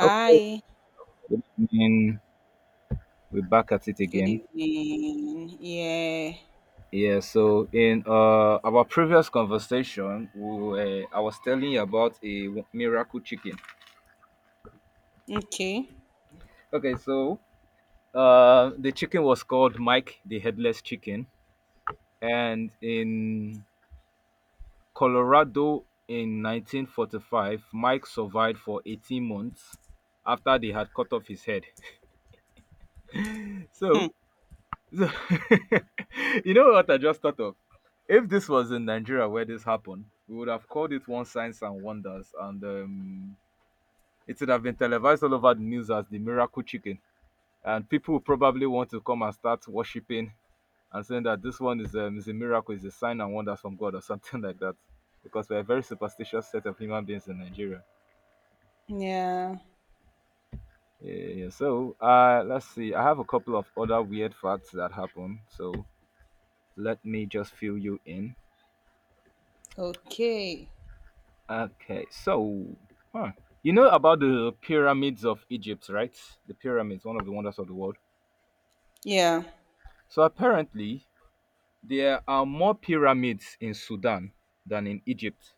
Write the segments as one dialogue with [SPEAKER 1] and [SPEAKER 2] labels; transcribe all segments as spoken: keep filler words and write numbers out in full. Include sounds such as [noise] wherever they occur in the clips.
[SPEAKER 1] Okay, good evening. We're back at it
[SPEAKER 2] good
[SPEAKER 1] again.
[SPEAKER 2] evening. Yeah.
[SPEAKER 1] Yeah, so in uh, our previous conversation, we, were- I was telling you about a w- miracle chicken.
[SPEAKER 2] Okay.
[SPEAKER 1] Okay, so uh, the chicken was called Mike the Headless Chicken, and in Colorado in nineteen forty-five, Mike survived for eighteen months after they had cut off his head. [laughs]
[SPEAKER 2] Hmm.
[SPEAKER 1] So So, [laughs] you know what I just thought of? If this was in Nigeria where this happened, we would have called it One Science and Wonders, and um, it would have been televised all over the news as the miracle chicken. And people would probably want to come and start worshipping and saying that this one is, um, is a miracle, is a sign and wonders from God or something [laughs] like that. Because we're a very superstitious set of human beings in Nigeria.
[SPEAKER 2] Yeah.
[SPEAKER 1] Yeah, yeah, yeah. So uh, let's see. I have a couple of other weird facts that happen. So let me just fill you in.
[SPEAKER 2] Okay.
[SPEAKER 1] Okay, so huh. you know about the pyramids of Egypt, right? The pyramids, one of the wonders of the world.
[SPEAKER 2] Yeah.
[SPEAKER 1] So apparently, there are more pyramids in Sudan than in Egypt,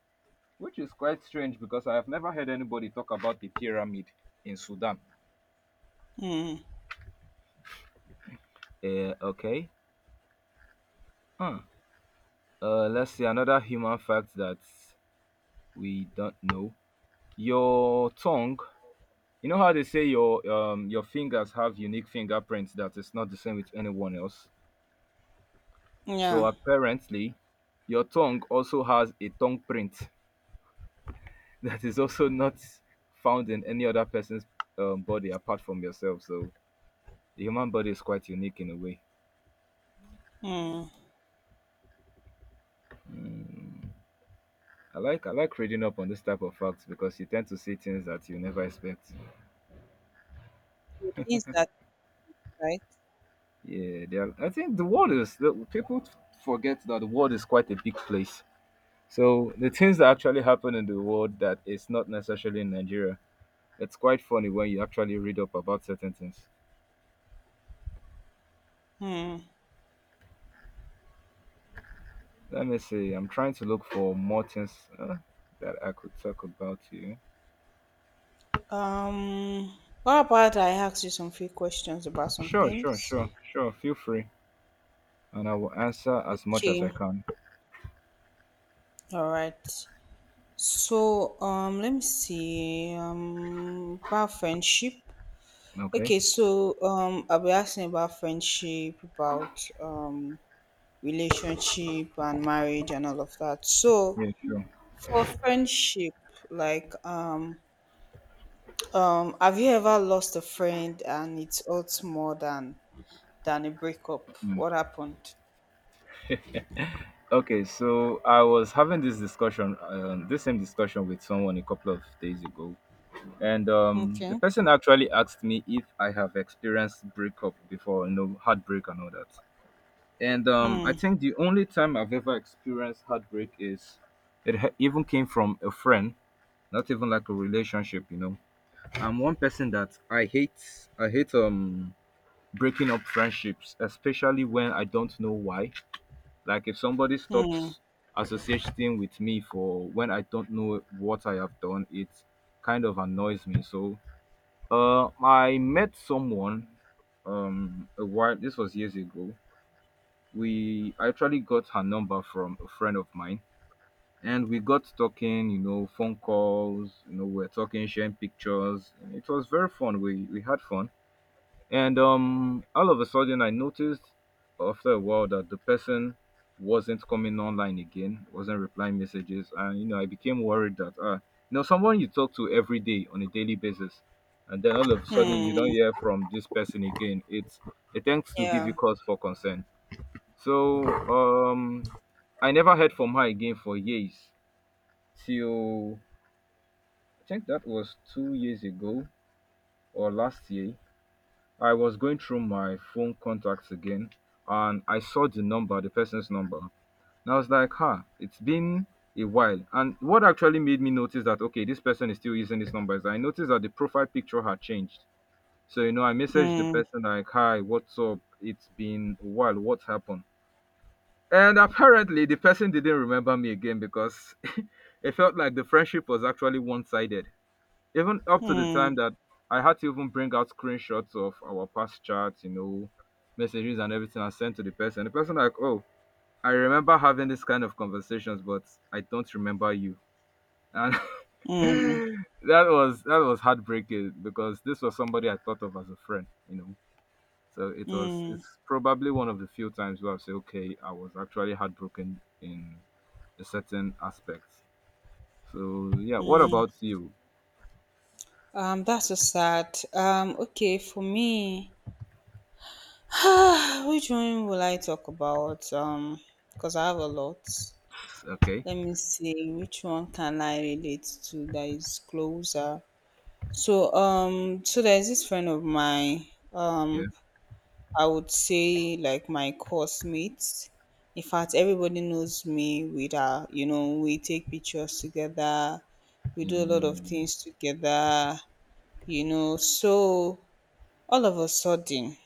[SPEAKER 1] which is quite strange because I have never heard anybody talk about the pyramid in Sudan.
[SPEAKER 2] Hmm.
[SPEAKER 1] Uh, okay. Huh. Uh, let's see another human fact that we don't know. Your tongue. You know how they say your um your fingers have unique fingerprints that is not the same with anyone else. So
[SPEAKER 2] Yeah.
[SPEAKER 1] apparently, your tongue also has a tongue print [laughs] that is also not found in any other person's um, body apart from yourself. So the human body is quite unique in a way.
[SPEAKER 2] Hmm.
[SPEAKER 1] I like I like reading up on this type of facts because you tend to see things that you never expect.
[SPEAKER 2] It is that right?
[SPEAKER 1] Yeah, they are. I think the world is the, people forget that the world is quite a big place. So the things that actually happen in the world that is not necessarily in Nigeria, it's quite funny when you actually read up about certain things.
[SPEAKER 2] Hmm.
[SPEAKER 1] Let me see. I'm trying to look for more things uh, that I could talk about to you.
[SPEAKER 2] Um. What about I ask you some few questions about some
[SPEAKER 1] Sure, sure,
[SPEAKER 2] things?
[SPEAKER 1] sure, sure. Feel free, and I will answer as much as I
[SPEAKER 2] Okay.
[SPEAKER 1] can.
[SPEAKER 2] All right. So um, let me see. Um, about friendship.
[SPEAKER 1] Okay?
[SPEAKER 2] Okay. So um, I'll be asking about friendship, about um relationship and marriage and all of that. So
[SPEAKER 1] Yeah, sure.
[SPEAKER 2] for friendship, like um um have you ever lost a friend and it hurts more than than a breakup?
[SPEAKER 1] Mm.
[SPEAKER 2] What happened?
[SPEAKER 1] Okay, so I was having this discussion, um, this same discussion with someone a couple of days ago, and um, the
[SPEAKER 2] Okay.
[SPEAKER 1] person actually asked me if I have experienced breakup before, you know, heartbreak and all that. And um, I
[SPEAKER 2] Hmm.
[SPEAKER 1] think the only time I've ever experienced heartbreak is it ha- even came from a friend, not even like a relationship you know I'm one person that i hate i hate um breaking up friendships, especially when I don't know why. Like if somebody
[SPEAKER 2] Hmm.
[SPEAKER 1] stops associating with me for when I don't know what I have done, it kind of annoys me. So uh I met someone, um a while, this was years ago. We I actually got her number from a friend of mine, and we got talking, you know, phone calls, you know, we're talking, sharing pictures. And it was very fun. We we had fun. And um all of a sudden I noticed after a while that the person wasn't coming online again, wasn't replying messages, and you know, I became worried that uh you know, someone you talk to every day on a daily basis, and then all of a sudden you
[SPEAKER 2] Hmm.
[SPEAKER 1] don't hear from this person again. It's it tends to give you
[SPEAKER 2] Yeah.
[SPEAKER 1] cause for concern. So um I never heard from her again for years, till I think that was two years ago or last year. I was going through my phone contacts again, and I saw the number, the person's number. And I was like, huh, it's been a while. And what actually made me notice that, okay, this person is still using this number is I noticed that the profile picture had changed. So, you know, I messaged the
[SPEAKER 2] Hmm.
[SPEAKER 1] person like, hi, what's up? It's been a while. What happened? And apparently the person didn't remember me again, because [laughs] it felt like the friendship was actually one sided, even up to the time
[SPEAKER 2] Hmm.
[SPEAKER 1] that I had to even bring out screenshots of our past chats, you know, messages and everything I sent to the person. The person like, oh, I remember having this kind of conversations, but I don't remember you. And [laughs]
[SPEAKER 2] Hmm.
[SPEAKER 1] that was that was heartbreaking, because this was somebody I thought of as a friend, you know. So it was
[SPEAKER 2] Hmm.
[SPEAKER 1] it's probably one of the few times where I say, okay, I was actually heartbroken in a certain aspect. So yeah, what about you?
[SPEAKER 2] Um, that's so sad. Um, okay, for me, [sighs] which one will I talk about? Um, Because I have a lot.
[SPEAKER 1] Okay,
[SPEAKER 2] Let me see which one can I relate to that is closer. So um so there's this friend of mine,
[SPEAKER 1] yeah,
[SPEAKER 2] um I would say like my course mates. In fact, everybody knows me with her, you know, we take pictures together, we
[SPEAKER 1] yeah,
[SPEAKER 2] do a lot
[SPEAKER 1] yeah.
[SPEAKER 2] of things together, you know. So all of a sudden,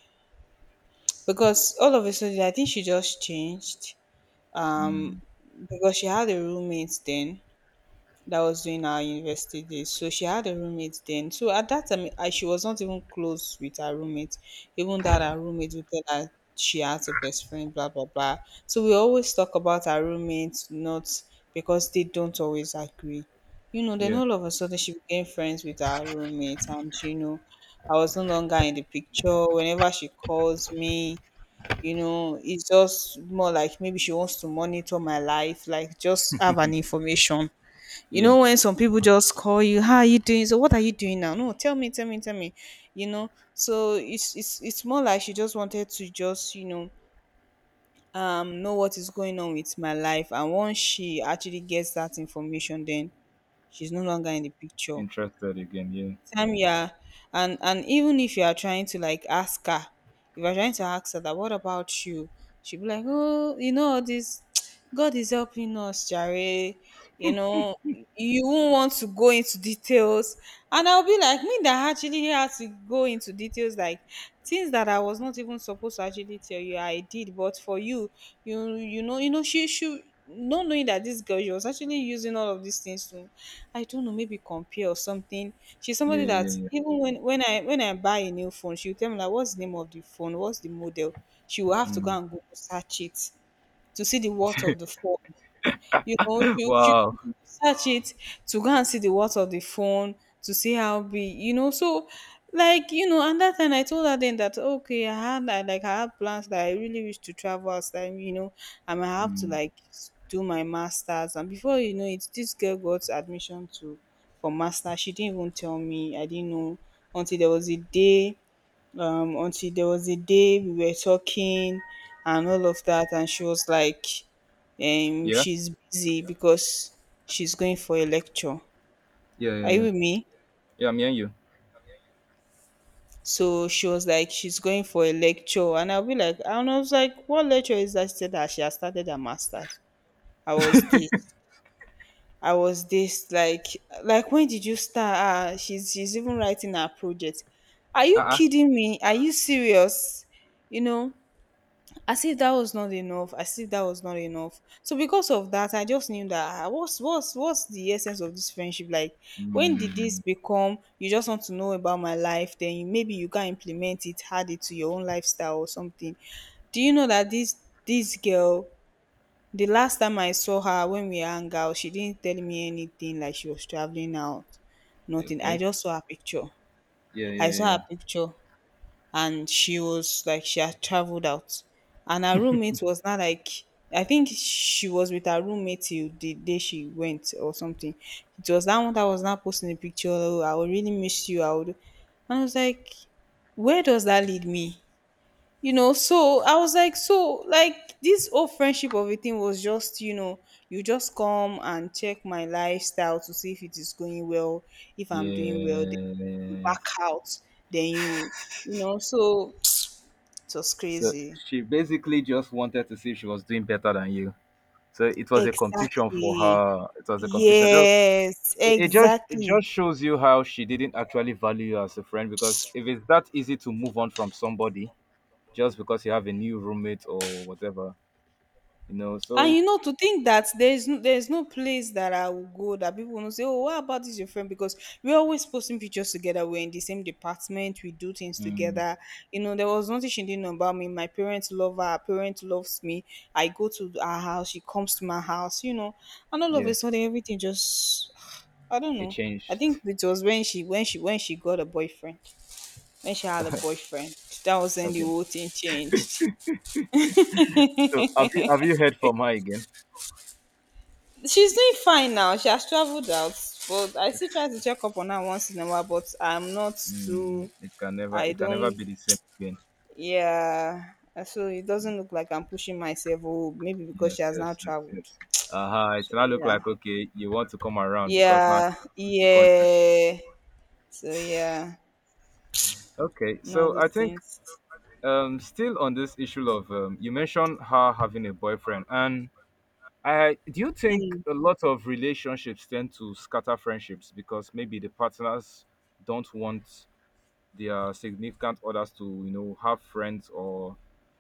[SPEAKER 2] because all of a sudden I think she just changed. Um
[SPEAKER 1] Mm,
[SPEAKER 2] because she had a roommate then, that was during our university days. So she had a roommate then. So at that time, I, she was not even close with her roommate. Even that her roommate would tell her she has a best friend, blah blah blah. So we always talk about our roommates, not because they don't always agree. You know, then
[SPEAKER 1] yeah,
[SPEAKER 2] all of a sudden she became friends with our roommate, and you know, I was no longer in the picture. Whenever she calls me, you know, it's just more like maybe she wants to monitor my life, like just have an information, you
[SPEAKER 1] yeah.
[SPEAKER 2] know, when some people just call you, how are you doing? So what are you doing now? No, tell me, tell me, tell me. You know, so it's it's it's more like she just wanted to just, you know, um know what is going on with my life. And once she actually gets that information, then she's no longer in the picture
[SPEAKER 1] Interested again. Yeah,
[SPEAKER 2] time, yeah. And and even if you are trying to like ask her, if you're trying to ask her that what about you, she'll be like, oh, you know, all this [tsk] God is helping us jare, you know, you won't want to go into details. And I'll be like, me that actually had to go into details, like things that I was not even supposed to actually tell you I did, but for you, you you know, you know, she she not knowing that this girl, she was actually using all of these things to, I don't know, maybe compare or something. She's
[SPEAKER 1] yeah,
[SPEAKER 2] somebody that
[SPEAKER 1] yeah,
[SPEAKER 2] even when when I when I buy a new phone, she'll tell me like, "What's the name of the phone? What's the model?" She will
[SPEAKER 1] yeah.
[SPEAKER 2] have to go
[SPEAKER 1] Mm.
[SPEAKER 2] and Google search it to see the worth of the phone. You know,
[SPEAKER 1] [laughs]
[SPEAKER 2] she she
[SPEAKER 1] Wow.
[SPEAKER 2] was search it to go and see the worth of the phone, to see how big, you know. So, like, you know, and that time I told her then that okay, I had I, like I had plans that I really wish to travel outside, you know, and I have to
[SPEAKER 1] Mm.
[SPEAKER 2] like s- do my masters. And before you know it, this girl got admission to for master. She didn't even tell me. I didn't know until there was a day um until there was a day we were talking and all of that, and she was like, um
[SPEAKER 1] Yeah,
[SPEAKER 2] she's busy because she's going for a lecture,
[SPEAKER 1] yeah, yeah,
[SPEAKER 2] are you
[SPEAKER 1] yeah.
[SPEAKER 2] with me?
[SPEAKER 1] Yeah, me and you.
[SPEAKER 2] So she was like she's going for a lecture, and i'll be like and I was like, what lecture is that? She said that she has started her master's. I was this I was this like like When did you start? Ah, she's she's even writing her project. Are you
[SPEAKER 1] Uh-uh.
[SPEAKER 2] kidding me? Are you serious? You know? As if that was not enough, as if that was not enough. So because of that, I just knew that, ah, what's what's what's the essence of this friendship? Like, when did
[SPEAKER 1] Mm.
[SPEAKER 2] this become, you just want to know about my life, then you, maybe you can implement it, add it to your own lifestyle or something. Do you know that this this girl, the last time I saw her, when we hung out, she didn't tell me anything like she was traveling out. Nothing. i
[SPEAKER 1] Okay.
[SPEAKER 2] just saw her picture
[SPEAKER 1] Yeah, yeah,
[SPEAKER 2] I saw her
[SPEAKER 1] yeah,
[SPEAKER 2] picture, and she was like she had traveled out. And her roommate was not like, I think she was with her roommate till the day she went or something. It was that one that was not posting a picture, "Oh, I will really miss you." I would and I was like, where does that lead me? You know, so I was like so like this whole friendship of a thing was just, you know, you just come and check my lifestyle to see if it is going well. If I'm doing well, then you
[SPEAKER 1] yeah.
[SPEAKER 2] back
[SPEAKER 1] S- Yes.
[SPEAKER 2] out. Then you you know, so it was
[SPEAKER 1] So
[SPEAKER 2] crazy.
[SPEAKER 1] she basically just wanted to see if she was doing better than you. So it was a competition for
[SPEAKER 2] Exactly.
[SPEAKER 1] her. It was a competition. Though,
[SPEAKER 2] Yes,
[SPEAKER 1] It, it just it
[SPEAKER 2] exactly.
[SPEAKER 1] just shows you how she didn't actually value you as a friend, because if it's that easy to move on from somebody, just because you have a new roommate or whatever, you know.
[SPEAKER 2] And
[SPEAKER 1] So,
[SPEAKER 2] you know, to think that there's no, there's no place that I will go that people will not say, "Oh, what about this your friend?" Because we're always posting pictures together. We're in the same department. We do things
[SPEAKER 1] mm,
[SPEAKER 2] together. You know, there was nothing she didn't know about me. My parents love her. Her parents loves me. I go to her house. She comes to my house. You know, and all of
[SPEAKER 1] yeah,
[SPEAKER 2] a sudden, everything just [sighs] I don't
[SPEAKER 1] it
[SPEAKER 2] know. I
[SPEAKER 1] changed.
[SPEAKER 2] think it was when she when she when she got a boyfriend. When she had a boyfriend. That was when the
[SPEAKER 1] Okay.
[SPEAKER 2] whole thing changed.
[SPEAKER 1] So, have you have you heard from her again?
[SPEAKER 2] She's doing fine now. She has traveled out, but I
[SPEAKER 1] [laughs]
[SPEAKER 2] still try
[SPEAKER 1] It's-
[SPEAKER 2] to check up on her once in a while. But I'm not
[SPEAKER 1] Mm,
[SPEAKER 2] too.
[SPEAKER 1] it can never
[SPEAKER 2] I
[SPEAKER 1] it can never
[SPEAKER 2] don't.
[SPEAKER 1] be the same again.
[SPEAKER 2] Yeah. Uh, So it doesn't look like I'm pushing myself. Oh, maybe because she
[SPEAKER 1] Yes,
[SPEAKER 2] has now
[SPEAKER 1] yes, yes,
[SPEAKER 2] traveled.
[SPEAKER 1] yes. Uh huh. It's
[SPEAKER 2] So
[SPEAKER 1] now look
[SPEAKER 2] yeah.
[SPEAKER 1] like okay, you want to come around because now
[SPEAKER 2] Yeah.
[SPEAKER 1] she's outside the country. [laughs]
[SPEAKER 2] Yeah. So yeah.
[SPEAKER 1] Okay,
[SPEAKER 2] No,
[SPEAKER 1] so I
[SPEAKER 2] those
[SPEAKER 1] think
[SPEAKER 2] things.
[SPEAKER 1] um still on this issue of, um, you mentioned her having a boyfriend, and I do you think
[SPEAKER 2] Mm.
[SPEAKER 1] a lot of relationships tend to scatter friendships because maybe the partners don't want their significant others to, you know, have friends, or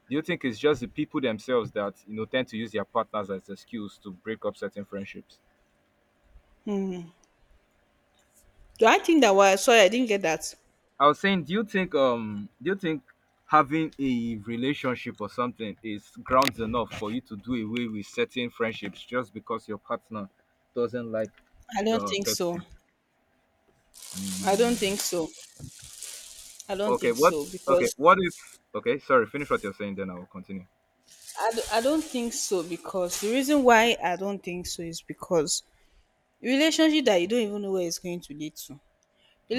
[SPEAKER 1] do you think it's just the people themselves that, you know, tend to use their partners as excuse to break up certain friendships?
[SPEAKER 2] Do I think that was, sorry? I didn't get that.
[SPEAKER 1] I was saying, do you think um do you think having a relationship or something is grounds enough for you to do away with certain friendships just because your partner doesn't like
[SPEAKER 2] I don't
[SPEAKER 1] the
[SPEAKER 2] think
[SPEAKER 1] person?
[SPEAKER 2] so. I don't
[SPEAKER 1] Mm.
[SPEAKER 2] think so. I don't
[SPEAKER 1] Okay,
[SPEAKER 2] think
[SPEAKER 1] what?
[SPEAKER 2] so
[SPEAKER 1] Okay,
[SPEAKER 2] because,
[SPEAKER 1] what if? Okay, sorry. Finish what you're saying, then I will continue.
[SPEAKER 2] I, d- I don't think so because the reason why I don't think so is because relationship that you don't even know where it's going to lead to.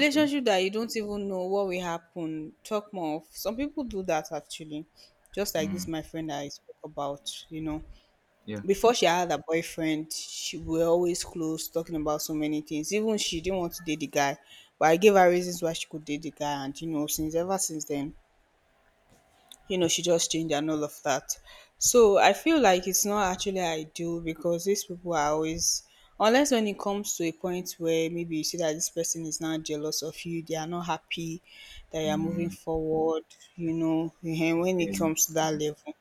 [SPEAKER 1] Okay.
[SPEAKER 2] that you don't even know what will happen. Talk more of some people do that actually. Just like this,
[SPEAKER 1] Mm,
[SPEAKER 2] my friend that I spoke about, you know,
[SPEAKER 1] yeah.
[SPEAKER 2] before she had a boyfriend, she were always close, talking about so many things. Even she didn't want to date the guy, but I gave her reasons why she could date the guy, and you know, since ever since then, you know, she just changed and all of that. So I feel like it's not actually ideal because these people are always, unless when it comes to a point where maybe you see that this person is now jealous of you, they are not happy that you are moving
[SPEAKER 1] Mm,
[SPEAKER 2] forward, you know, and when
[SPEAKER 1] yeah.
[SPEAKER 2] it comes to that level,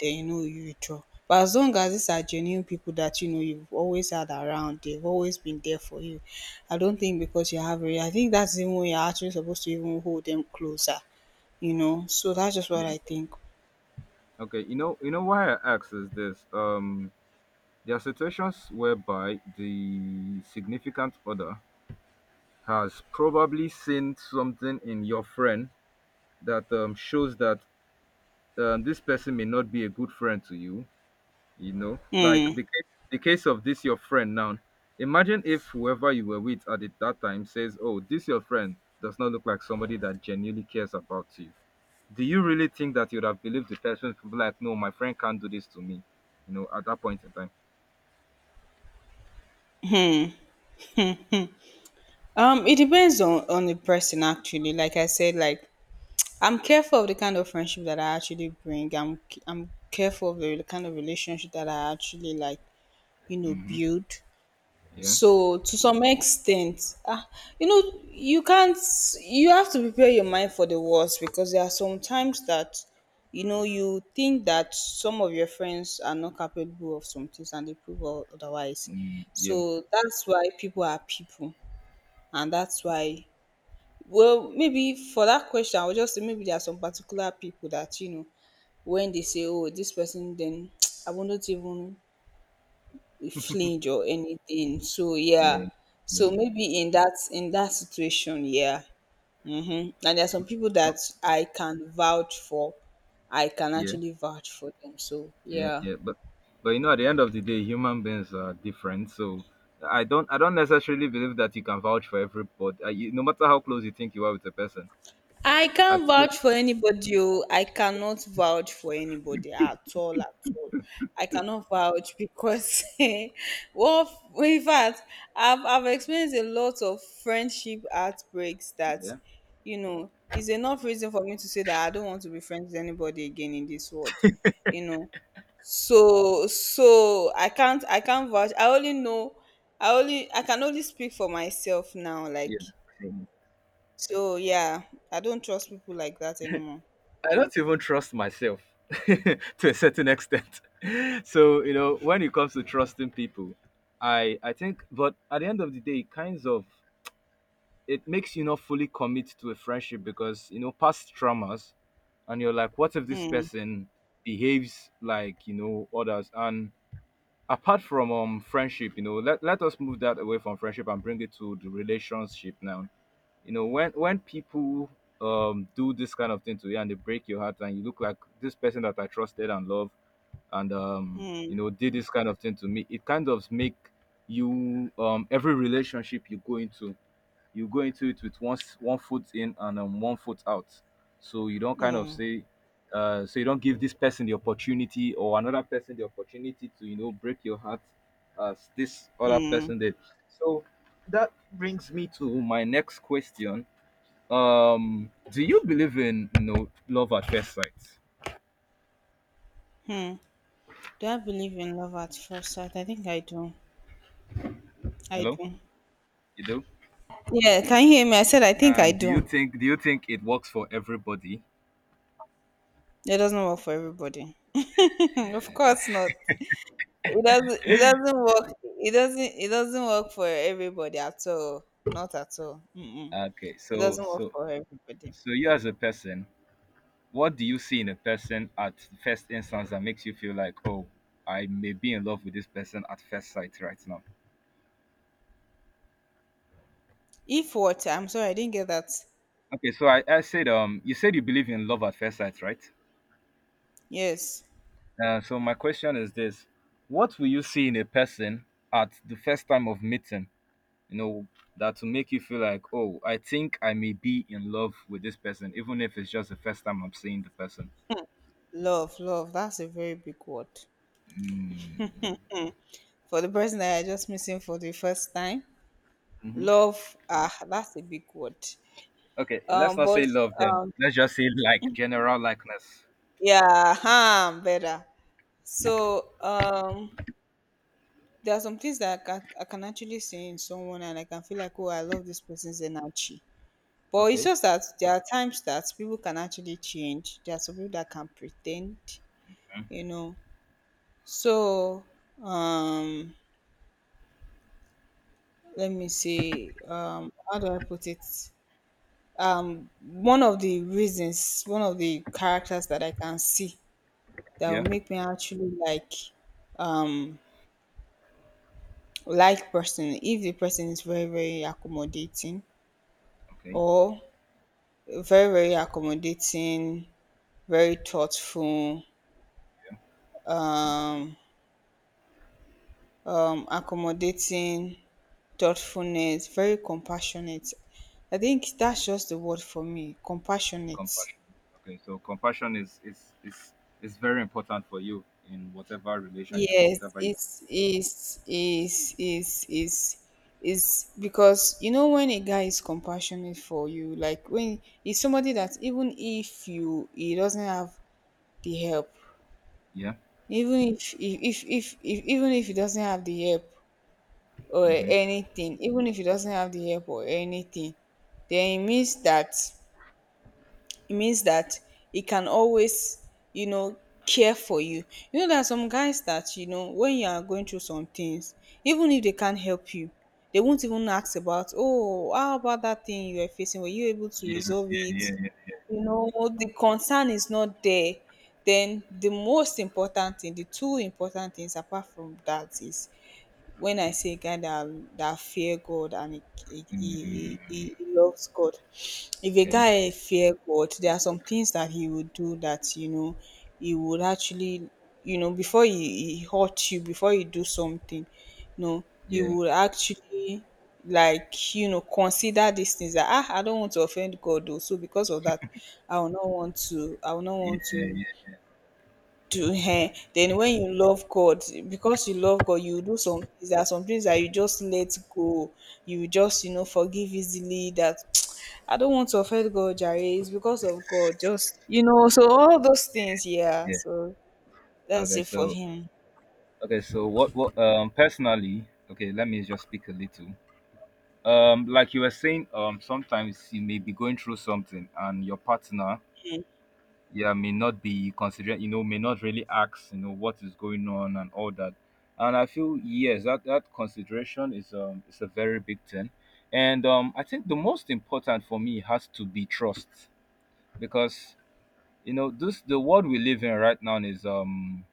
[SPEAKER 2] then you know you withdraw. But as long as these are genuine people that you know you've always had around, they've always been there for you, I don't think because you have, a- I think that's even when you're actually supposed to even hold them closer, you know. So that's just
[SPEAKER 1] Yeah.
[SPEAKER 2] what I think.
[SPEAKER 1] Okay. You know. You know why I ask is this. Um, there are situations whereby the significant other has probably seen something in your friend that um, shows that um, this person may not be a good friend to you, you know like
[SPEAKER 2] Hmm.
[SPEAKER 1] the case the case of this your friend now. Imagine if whoever you were with at the, that time says, oh, this your friend does not look like somebody that genuinely cares about you. Do you really think that you would have believed the person to be like, no, my friend can't do this to me, you know at that point in time?
[SPEAKER 2] Um it depends on on the person actually, like I said, like I'm careful of the kind of friendship that I actually bring. I'm i'm careful of the kind of relationship that I actually, like, you know,
[SPEAKER 1] Mm-hmm.
[SPEAKER 2] build.
[SPEAKER 1] Yeah.
[SPEAKER 2] So to some extent, ah, you know, you can't. You have to prepare your mind for the worst because there are some times that, you know, you think that some of your friends are not capable of some things and they prove o- otherwise.
[SPEAKER 1] Mm,
[SPEAKER 2] So
[SPEAKER 1] yeah.
[SPEAKER 2] that's why people are people, and that's why. Well, maybe for that question, I would just say maybe there are some particular people that you know, when they say, "Oh, this person," then [tsk] I will not even flinch or anything. So yeah,
[SPEAKER 1] Yeah, yeah.
[SPEAKER 2] so maybe in that in that situation, yeah. Mm-hmm. And there are some people
[SPEAKER 1] Oh,
[SPEAKER 2] that I can vouch for. I can
[SPEAKER 1] yeah,
[SPEAKER 2] actually vouch for them. So
[SPEAKER 1] yeah,
[SPEAKER 2] yeah.
[SPEAKER 1] yeah. But but you know at the end of the day, human beings are different, so i don't i don't necessarily believe that you can vouch for everybody, uh, you, no matter how close you think you are with a person.
[SPEAKER 2] I
[SPEAKER 1] As
[SPEAKER 2] can't
[SPEAKER 1] if,
[SPEAKER 2] vouch for anybody. Oh. I cannot vouch for anybody at all, at all. I cannot vouch because, [laughs] well, in fact, I've, I've experienced a lot of friendship outbreaks that,
[SPEAKER 1] yeah,
[SPEAKER 2] you know, is enough reason for me to say that I don't want to be friends with anybody again in this world, you know. So, so I can't, I can't vouch. I only know, I only, I can only speak for myself now.
[SPEAKER 1] yeah.
[SPEAKER 2] Like,
[SPEAKER 1] Same.
[SPEAKER 2] so yeah, I don't trust people like that anymore.
[SPEAKER 1] I don't even trust myself [laughs] to a certain extent. [laughs] So, you know, when it comes to trusting people, I I think, but at the end of the day, it kinds of it makes you not fully commit to a friendship, because you know past traumas, and you're like, what if this person behaves like you know others? And apart from um friendship, you know, let let us move that away from friendship and bring it to the relationship now. you know when when people um do this kind of thing to you, and they break your heart, and you look like this person that I trusted and love, and um you
[SPEAKER 2] Hmm.
[SPEAKER 1] know did this kind of thing to me, it kind of make you, um every relationship you go into, you go into it with one s- one foot in, and um, one foot out. So you don't kind of
[SPEAKER 2] Hmm.
[SPEAKER 1] say, uh, so you don't give this person the opportunity or another person the opportunity to you know break your heart as this other person did. So that brings me to my next question. Um, do you believe in you know love at first sight?
[SPEAKER 2] Do I believe in love at first sight? I think I do. I
[SPEAKER 1] Hello,
[SPEAKER 2] do.
[SPEAKER 1] you do.
[SPEAKER 2] Yeah, can you hear me? I said I think I
[SPEAKER 1] And do you
[SPEAKER 2] do.
[SPEAKER 1] think do you think it works for everybody?
[SPEAKER 2] It doesn't work for everybody. [laughs] Of course not. It doesn't it doesn't work it doesn't it doesn't work for everybody at all. Not at all. Mm-mm.
[SPEAKER 1] Okay,
[SPEAKER 2] It
[SPEAKER 1] so
[SPEAKER 2] doesn't work
[SPEAKER 1] so
[SPEAKER 2] for everybody.
[SPEAKER 1] so you as a person, what do you see in a person at first instance that makes you feel like, oh, I may be in love with this person at first sight right now?
[SPEAKER 2] If what? I'm sorry, I didn't get that.
[SPEAKER 1] Okay, so I, I said, um, you said you believe in love at first sight, right?
[SPEAKER 2] Yes.
[SPEAKER 1] Uh, so my question is this: what will you see in a person at the first time of meeting? You know that will make you feel like, oh, I think I may be in love with this person, even if it's just the first time I'm seeing the person.
[SPEAKER 2] Love, love. That's a very big word. For the person that I just missing for the first time.
[SPEAKER 1] Mm-hmm.
[SPEAKER 2] Love, ah, that's a big word.
[SPEAKER 1] Okay, let's
[SPEAKER 2] Um,
[SPEAKER 1] not
[SPEAKER 2] but
[SPEAKER 1] say love then. Let's just say like general likeness.
[SPEAKER 2] yeah, um, better. So um, there are some things that I can, I can actually see in someone, and I can feel like, oh, I love this person's energy. But it's
[SPEAKER 1] Okay.
[SPEAKER 2] just that there are times that people can actually change. There are some people that can pretend,
[SPEAKER 1] Mm.
[SPEAKER 2] you know. So um, let me see. Um, how do I put it? Um, one of the reasons, one of the characters that I can see that will
[SPEAKER 1] Yeah.
[SPEAKER 2] make me actually like um like person if the person is very very accommodating
[SPEAKER 1] Okay,
[SPEAKER 2] or very very accommodating, very thoughtful, um um accommodating, thoughtfulness, very compassionate. I think that's just the word for me, compassionate.
[SPEAKER 1] compassion. Okay, so compassion is is is is very important for you in whatever relationship or
[SPEAKER 2] Yes,
[SPEAKER 1] whatever. You,
[SPEAKER 2] it's it's it's it's it's it's because you know when a guy is compassionate for you, like when it's somebody that even if you he doesn't have the help,
[SPEAKER 1] yeah.
[SPEAKER 2] even if if if, if, if even if he doesn't have the help or
[SPEAKER 1] Mm-hmm.
[SPEAKER 2] anything, even if he doesn't have the help or anything, then it means that it means that he can always, you know, care for you. You know, there are some guys that, you know, when you are going through some things, even if they can't help you, they won't even ask about, oh, how about that thing you were facing, were you able to
[SPEAKER 1] Yeah.
[SPEAKER 2] resolve it?
[SPEAKER 1] Yeah. Yeah.
[SPEAKER 2] You know, the concern is not there. Then the most important thing, the two important things apart from that, is when I say a guy that that fear God and he,
[SPEAKER 1] Yeah.
[SPEAKER 2] he,
[SPEAKER 1] Mm,
[SPEAKER 2] he, he loves God. If a
[SPEAKER 1] okay.
[SPEAKER 2] guy fear God, there are some things that he would do that, you know, he would actually, you know, before he, he hurt you, before he do something, you know, he
[SPEAKER 1] Yeah.
[SPEAKER 2] would actually, like, you know, consider these things that, ah, I don't want to offend God though, so because of that, I will not want to, I will not
[SPEAKER 1] Yeah.
[SPEAKER 2] want to
[SPEAKER 1] Yeah.
[SPEAKER 2] to um then when you love God, because you love God, you do some things. There are some things that you just let go. You just, you know, forgive easily. That, [tsk] I don't want to offend God Jare, it's because of God, just, you know, so all those things. Yeah,
[SPEAKER 1] Yeah.
[SPEAKER 2] so that's
[SPEAKER 1] Okay.
[SPEAKER 2] it for
[SPEAKER 1] So
[SPEAKER 2] him.
[SPEAKER 1] okay. So what what um personally? Okay. Let me just speak a little. Um, like you were saying, um, sometimes you may be going through something, and your partner, yeah, may not be considering, you know may not really ask, you know what is going on and all that. And I feel, yes, that that consideration is, um is a very big thing. And um I think the most important for me has to be trust, because, you know, this the world we live in right now is, um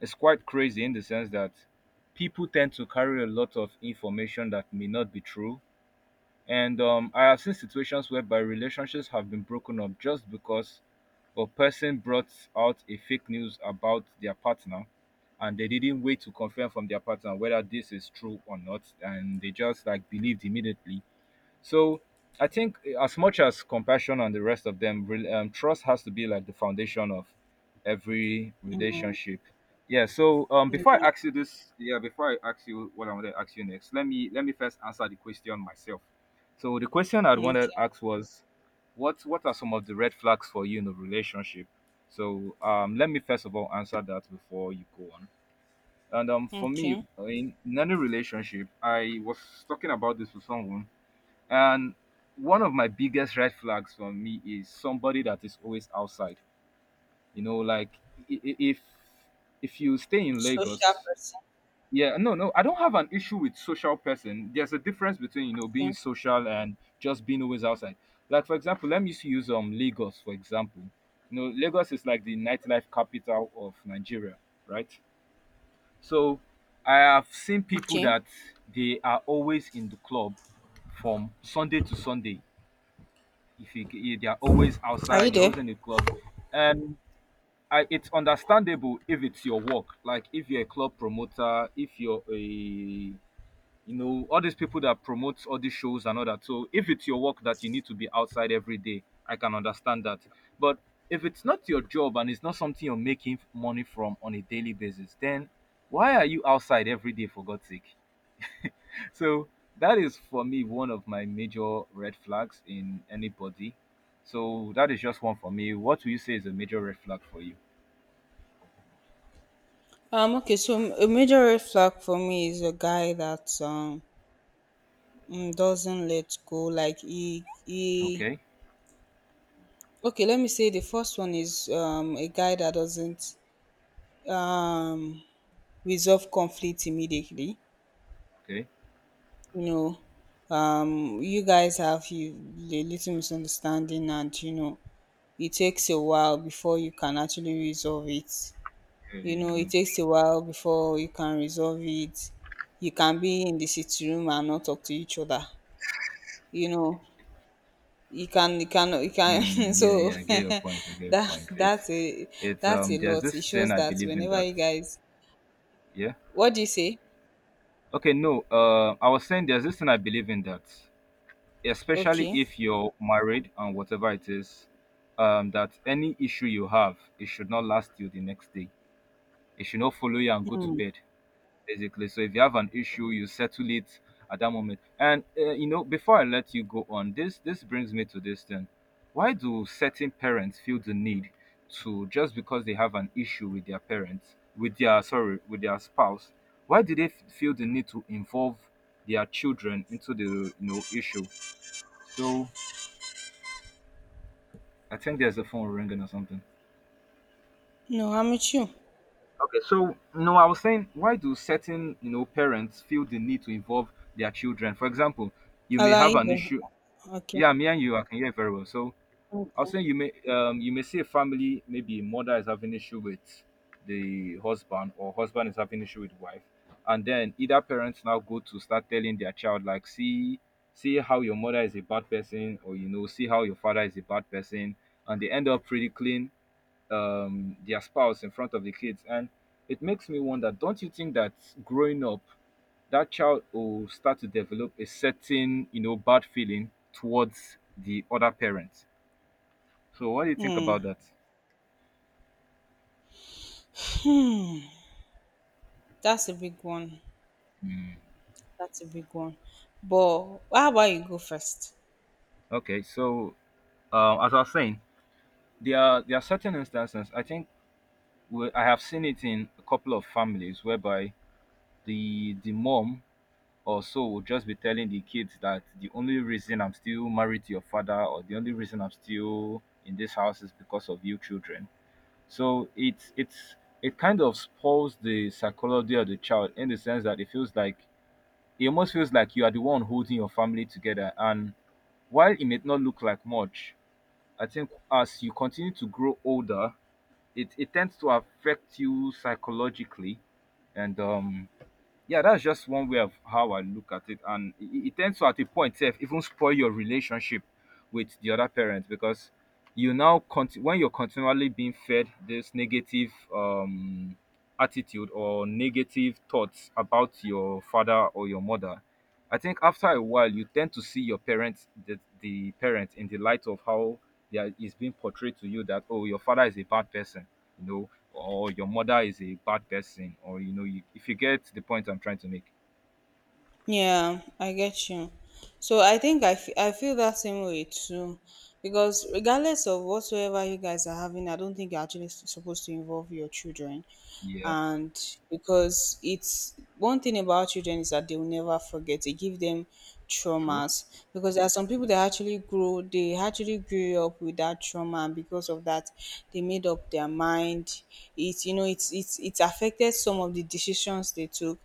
[SPEAKER 1] is quite crazy in the sense that people tend to carry a lot of information that may not be true. And um, I have seen situations whereby relationships have been broken up just because a person brought out a fake news about their partner and they didn't wait to confirm from their partner whether this is true or not, and they just like believed immediately. So I think as much as compassion and the rest of them, re- um, trust has to be like the foundation of every relationship. Yeah. So um, before
[SPEAKER 2] Yeah.
[SPEAKER 1] I ask you this, yeah, before I ask you what I want to ask you next, let me let me first answer the question myself. So the question I'd wanted to
[SPEAKER 2] Okay.
[SPEAKER 1] ask was, what what are some of the red flags for you in a relationship? So um, let me first of all answer that before you go on. And um, for me,
[SPEAKER 2] Okay.
[SPEAKER 1] uh, in, in any relationship, I was talking about this with someone, and one of my biggest red flags for me is somebody that is always outside. You know, like i- i- if if you stay in
[SPEAKER 2] Social
[SPEAKER 1] Lagos,
[SPEAKER 2] person.
[SPEAKER 1] yeah, no, no, I don't have an issue with social person. There's a difference between, you know, being
[SPEAKER 2] Okay.
[SPEAKER 1] social and just being always outside. Like for example, let me just use um Lagos for example. You know, Lagos is like the nightlife capital of Nigeria, right? So I have seen people
[SPEAKER 2] Okay.
[SPEAKER 1] that they are always in the club from Sunday to Sunday. If you, you, they are always
[SPEAKER 2] Are
[SPEAKER 1] outside,
[SPEAKER 2] you
[SPEAKER 1] they're
[SPEAKER 2] there?
[SPEAKER 1] always in the club, and I, it's understandable if it's your work. Like if you're a club promoter, if you're a, you know, all these people that promotes all these shows and all that. So if it's your work that you need to be outside every day, I can understand that. But if it's not your job and it's not something you're making money from on a daily basis, then why are you outside every day for God's sake? So that is for me one of my major red flags in anybody. So that is just one for me. What do you say is a major red flag for you?
[SPEAKER 2] um okay so m- a major red flag for me is a guy that um mm, doesn't let go, like he he
[SPEAKER 1] Okay,
[SPEAKER 2] okay, let me say the first one is, um, a guy that doesn't, um, resolve conflict immediately.
[SPEAKER 1] okay,
[SPEAKER 2] You know, um, you guys have you, a little misunderstanding, and, you know, it takes a while before you can actually resolve it.
[SPEAKER 1] yeah,
[SPEAKER 2] You
[SPEAKER 1] yeah,
[SPEAKER 2] know,
[SPEAKER 1] yeah.
[SPEAKER 2] it takes a while before you can resolve it. You can be in the sitting room and not talk to each other. You know, you can you can you can [laughs]
[SPEAKER 1] Hmm, yeah,
[SPEAKER 2] so
[SPEAKER 1] yeah. I
[SPEAKER 2] [laughs]
[SPEAKER 1] get your point. I get your
[SPEAKER 2] that
[SPEAKER 1] point. It's,
[SPEAKER 2] that's a
[SPEAKER 1] it's
[SPEAKER 2] that's
[SPEAKER 1] um.
[SPEAKER 2] a
[SPEAKER 1] There's
[SPEAKER 2] lot.
[SPEAKER 1] this
[SPEAKER 2] It
[SPEAKER 1] thing
[SPEAKER 2] shows
[SPEAKER 1] I
[SPEAKER 2] that
[SPEAKER 1] believe in
[SPEAKER 2] whenever
[SPEAKER 1] that.
[SPEAKER 2] you guys,
[SPEAKER 1] Yeah.
[SPEAKER 2] what do you say?
[SPEAKER 1] Okay. No. Uh, I was saying there's this thing I believe in that, especially
[SPEAKER 2] Okay.
[SPEAKER 1] if you're married and whatever it is, um, that any issue you have, it should not last you the next day. It should not follow you and go to bed. Basically, so if you have an issue, you settle it at that moment. And uh, you know, before I let you go on, this this brings me to this thing. Why do certain parents feel the need to, just because they have an issue with their parents, with their, sorry, with their spouse? Why do they f- feel the need to involve their children into the, you know, issue? So I think there's a phone ringing or something.
[SPEAKER 2] No, I'm with you.
[SPEAKER 1] Okay, so no, I was saying, why do certain, you know, parents feel the need to involve their children? For example, you may have
[SPEAKER 2] Alright
[SPEAKER 1] an issue.
[SPEAKER 2] okay.
[SPEAKER 1] Yeah, me and you, I can hear very well. So I was
[SPEAKER 2] Okay.
[SPEAKER 1] saying you may um you may see a family, maybe mother is having issue with the husband, or husband is having issue with wife. And then either parents now go to start telling their child like, see, see how your mother is a bad person, or you know, see how your father is a bad person, and they end up ridiculing um their spouse in front of the kids. And it makes me wonder, don't you think that growing up that child will start to develop a certain, you know, bad feeling towards the other parent. So what do you think about
[SPEAKER 2] Hmm.
[SPEAKER 1] that?
[SPEAKER 2] That's a big one. That's a big one. But how about you go first?
[SPEAKER 1] Okay, so uh, as I was saying, there are there are certain instances. I think we, I have seen it in a couple of families whereby the the mom or so will just be telling the kids that the only reason I'm still married to your father, or the only reason I'm still in this house is because of you children. So it's it's it kind of spoils the psychology of the child in the sense that it feels like, it almost feels like you are the one holding your family together. And while it may not look like much, I think as you continue to grow older, it, it tends to affect you psychologically. And um yeah, that's just one way of how I look at it. And it, it tends to at a point sef even spoil your relationship with the other parent, because you now conti- when you're continually being fed this negative um attitude or negative thoughts about your father or your mother, I think after a while you tend to see your parents, the, the parent, in the light of how they are, is being portrayed to you, that oh, your father is a bad person, you know, or your mother is a bad person. Or you know, you, if you get the point I'm trying to make.
[SPEAKER 2] Yeah, I get you. So I think I, f- I feel that same way too. Because regardless of whatsoever you guys are having, I don't think you're actually s- supposed to involve your children.
[SPEAKER 1] Yeah,
[SPEAKER 2] And because it's one thing about children is that they will never forget. They give them
[SPEAKER 1] true.
[SPEAKER 2] traumas, because there are some people that actually grow they actually grew up with that trauma, and because of that, they made up their mind. It, you know, it's it's it's affected some of the decisions they took.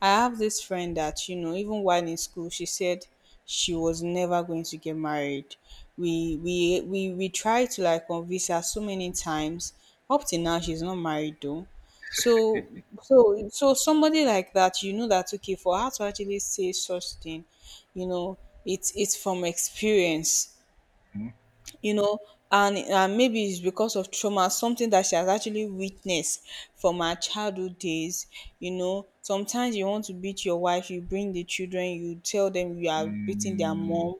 [SPEAKER 2] I have this friend that, you know, even while in school, she said she was never going to get married. We we we we tried to like convince her so many times. Up till now, she's not married though. So so so somebody like that, you know, that okay, for her to actually say such thing, you know, it's it's from experience,
[SPEAKER 1] Mhm.
[SPEAKER 2] you know. and and maybe it's because of trauma, something that she has actually witnessed from her childhood days. You know, sometimes you want to beat your wife, you bring the children, you tell them you are beating their
[SPEAKER 1] Mm,
[SPEAKER 2] mom.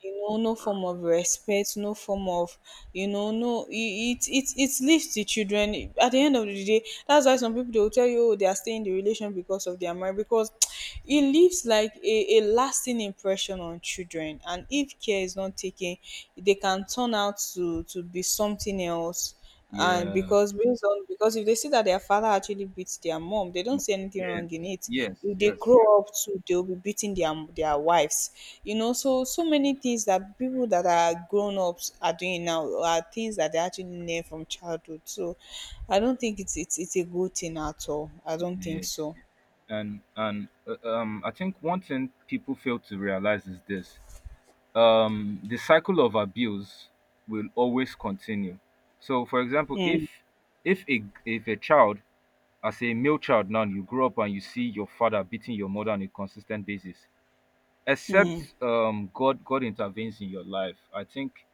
[SPEAKER 2] You know, no form of respect, no form of, you know, no, it it it, it leaves the children at the end of the day. That's why some people, they will tell you, oh, they are staying in the relation because of their marriage, because [tsk] it leaves like a, a lasting pressure on children, and if care is not taken, they can turn out to to be something else. And
[SPEAKER 1] yeah,
[SPEAKER 2] because based on, because if they see that their father actually beats their mom, they don't
[SPEAKER 1] no,
[SPEAKER 2] see anything
[SPEAKER 1] yes,
[SPEAKER 2] wrong in it.
[SPEAKER 1] yes,
[SPEAKER 2] If they
[SPEAKER 1] yes, yes,
[SPEAKER 2] grow up too, they'll be beating their their wives. You know, so so many things that people that are grown-ups are doing now are things that they actually learn from childhood. So I don't think it's, it's, it's a good thing at all. I don't think
[SPEAKER 1] yeah.
[SPEAKER 2] so.
[SPEAKER 1] And and uh, um, I think one thing people fail to realize is this: um, the cycle of abuse will always continue. So, for example, if
[SPEAKER 2] Hmm.
[SPEAKER 1] if a, if a child, as a male child, now you grow up and you see your father beating your mother on a consistent basis, except um god god intervenes in your life, I think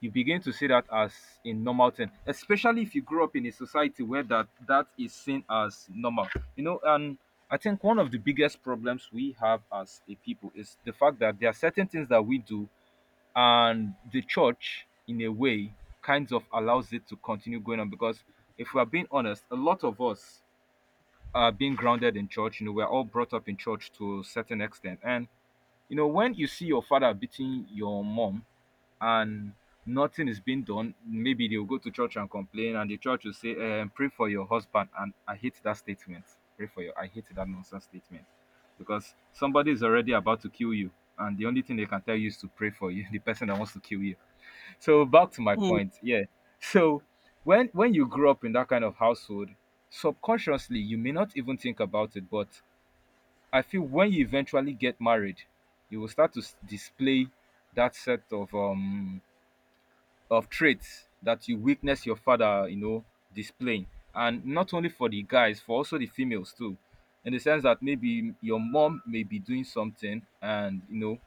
[SPEAKER 1] you begin to see that as a normal thing, especially if you grew up in a society where that that is seen as normal, you know. And I think one of the biggest problems we have as a people is the fact that there are certain things that we do, and the church in a way kind of allows it to continue going on, because if we are being honest, a lot of us are being grounded in church. You know, we're all brought up in church to a certain extent. And you know, when you see your father beating your mom, and nothing is being done, maybe they'll go to church and complain, and the church will say, um, pray for your husband. And I hate that statement. Pray for your, I hate that nonsense statement, because somebody is already about to kill you. And the only thing they can tell you is to pray for you, [laughs] the person that wants to kill you. So back to my
[SPEAKER 2] Hmm.
[SPEAKER 1] point, yeah. So when when you grew up in that kind of household, subconsciously you may not even think about it, but I feel when you eventually get married, you will start to s- display that set of um of traits that you witness your father, you know, displaying. And not only for the guys, for also the females too, in the sense that maybe your mom may be doing something, and you know,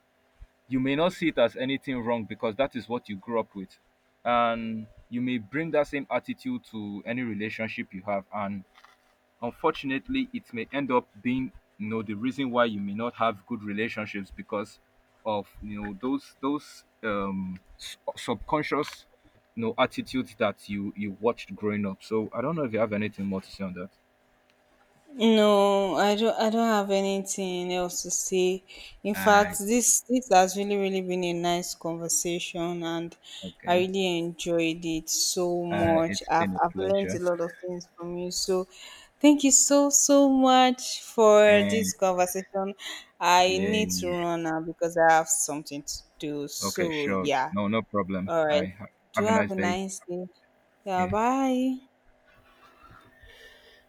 [SPEAKER 1] you may not see it as anything wrong because that is what you grew up with, and you may bring that same attitude to any relationship you have. And unfortunately, it may end up being, you know, the reason why you may not have good relationships, because of, you know, those those um s- subconscious, you know, attitudes that you you watched growing up. So I don't know if you have anything more to say on that.
[SPEAKER 2] No, I don't I don't have anything else to say. In fact,
[SPEAKER 1] uh
[SPEAKER 2] this this has really really been a nice conversation, and I
[SPEAKER 1] okay.
[SPEAKER 2] really enjoyed it so
[SPEAKER 1] uh
[SPEAKER 2] much.
[SPEAKER 1] it's
[SPEAKER 2] I've
[SPEAKER 1] been a
[SPEAKER 2] I've learned
[SPEAKER 1] pleasure.
[SPEAKER 2] a lot of things from you. So thank you so so much for
[SPEAKER 1] And
[SPEAKER 2] this conversation. I
[SPEAKER 1] yeah,
[SPEAKER 2] need to
[SPEAKER 1] yeah,
[SPEAKER 2] run now because I have something to do.
[SPEAKER 1] okay,
[SPEAKER 2] So
[SPEAKER 1] sure,
[SPEAKER 2] yeah.
[SPEAKER 1] no, no problem.
[SPEAKER 2] All
[SPEAKER 1] I
[SPEAKER 2] right.
[SPEAKER 1] ha-
[SPEAKER 2] Do
[SPEAKER 1] have a
[SPEAKER 2] have
[SPEAKER 1] nice
[SPEAKER 2] a
[SPEAKER 1] day.
[SPEAKER 2] nice day. Yeah,
[SPEAKER 1] Yeah.
[SPEAKER 2] bye.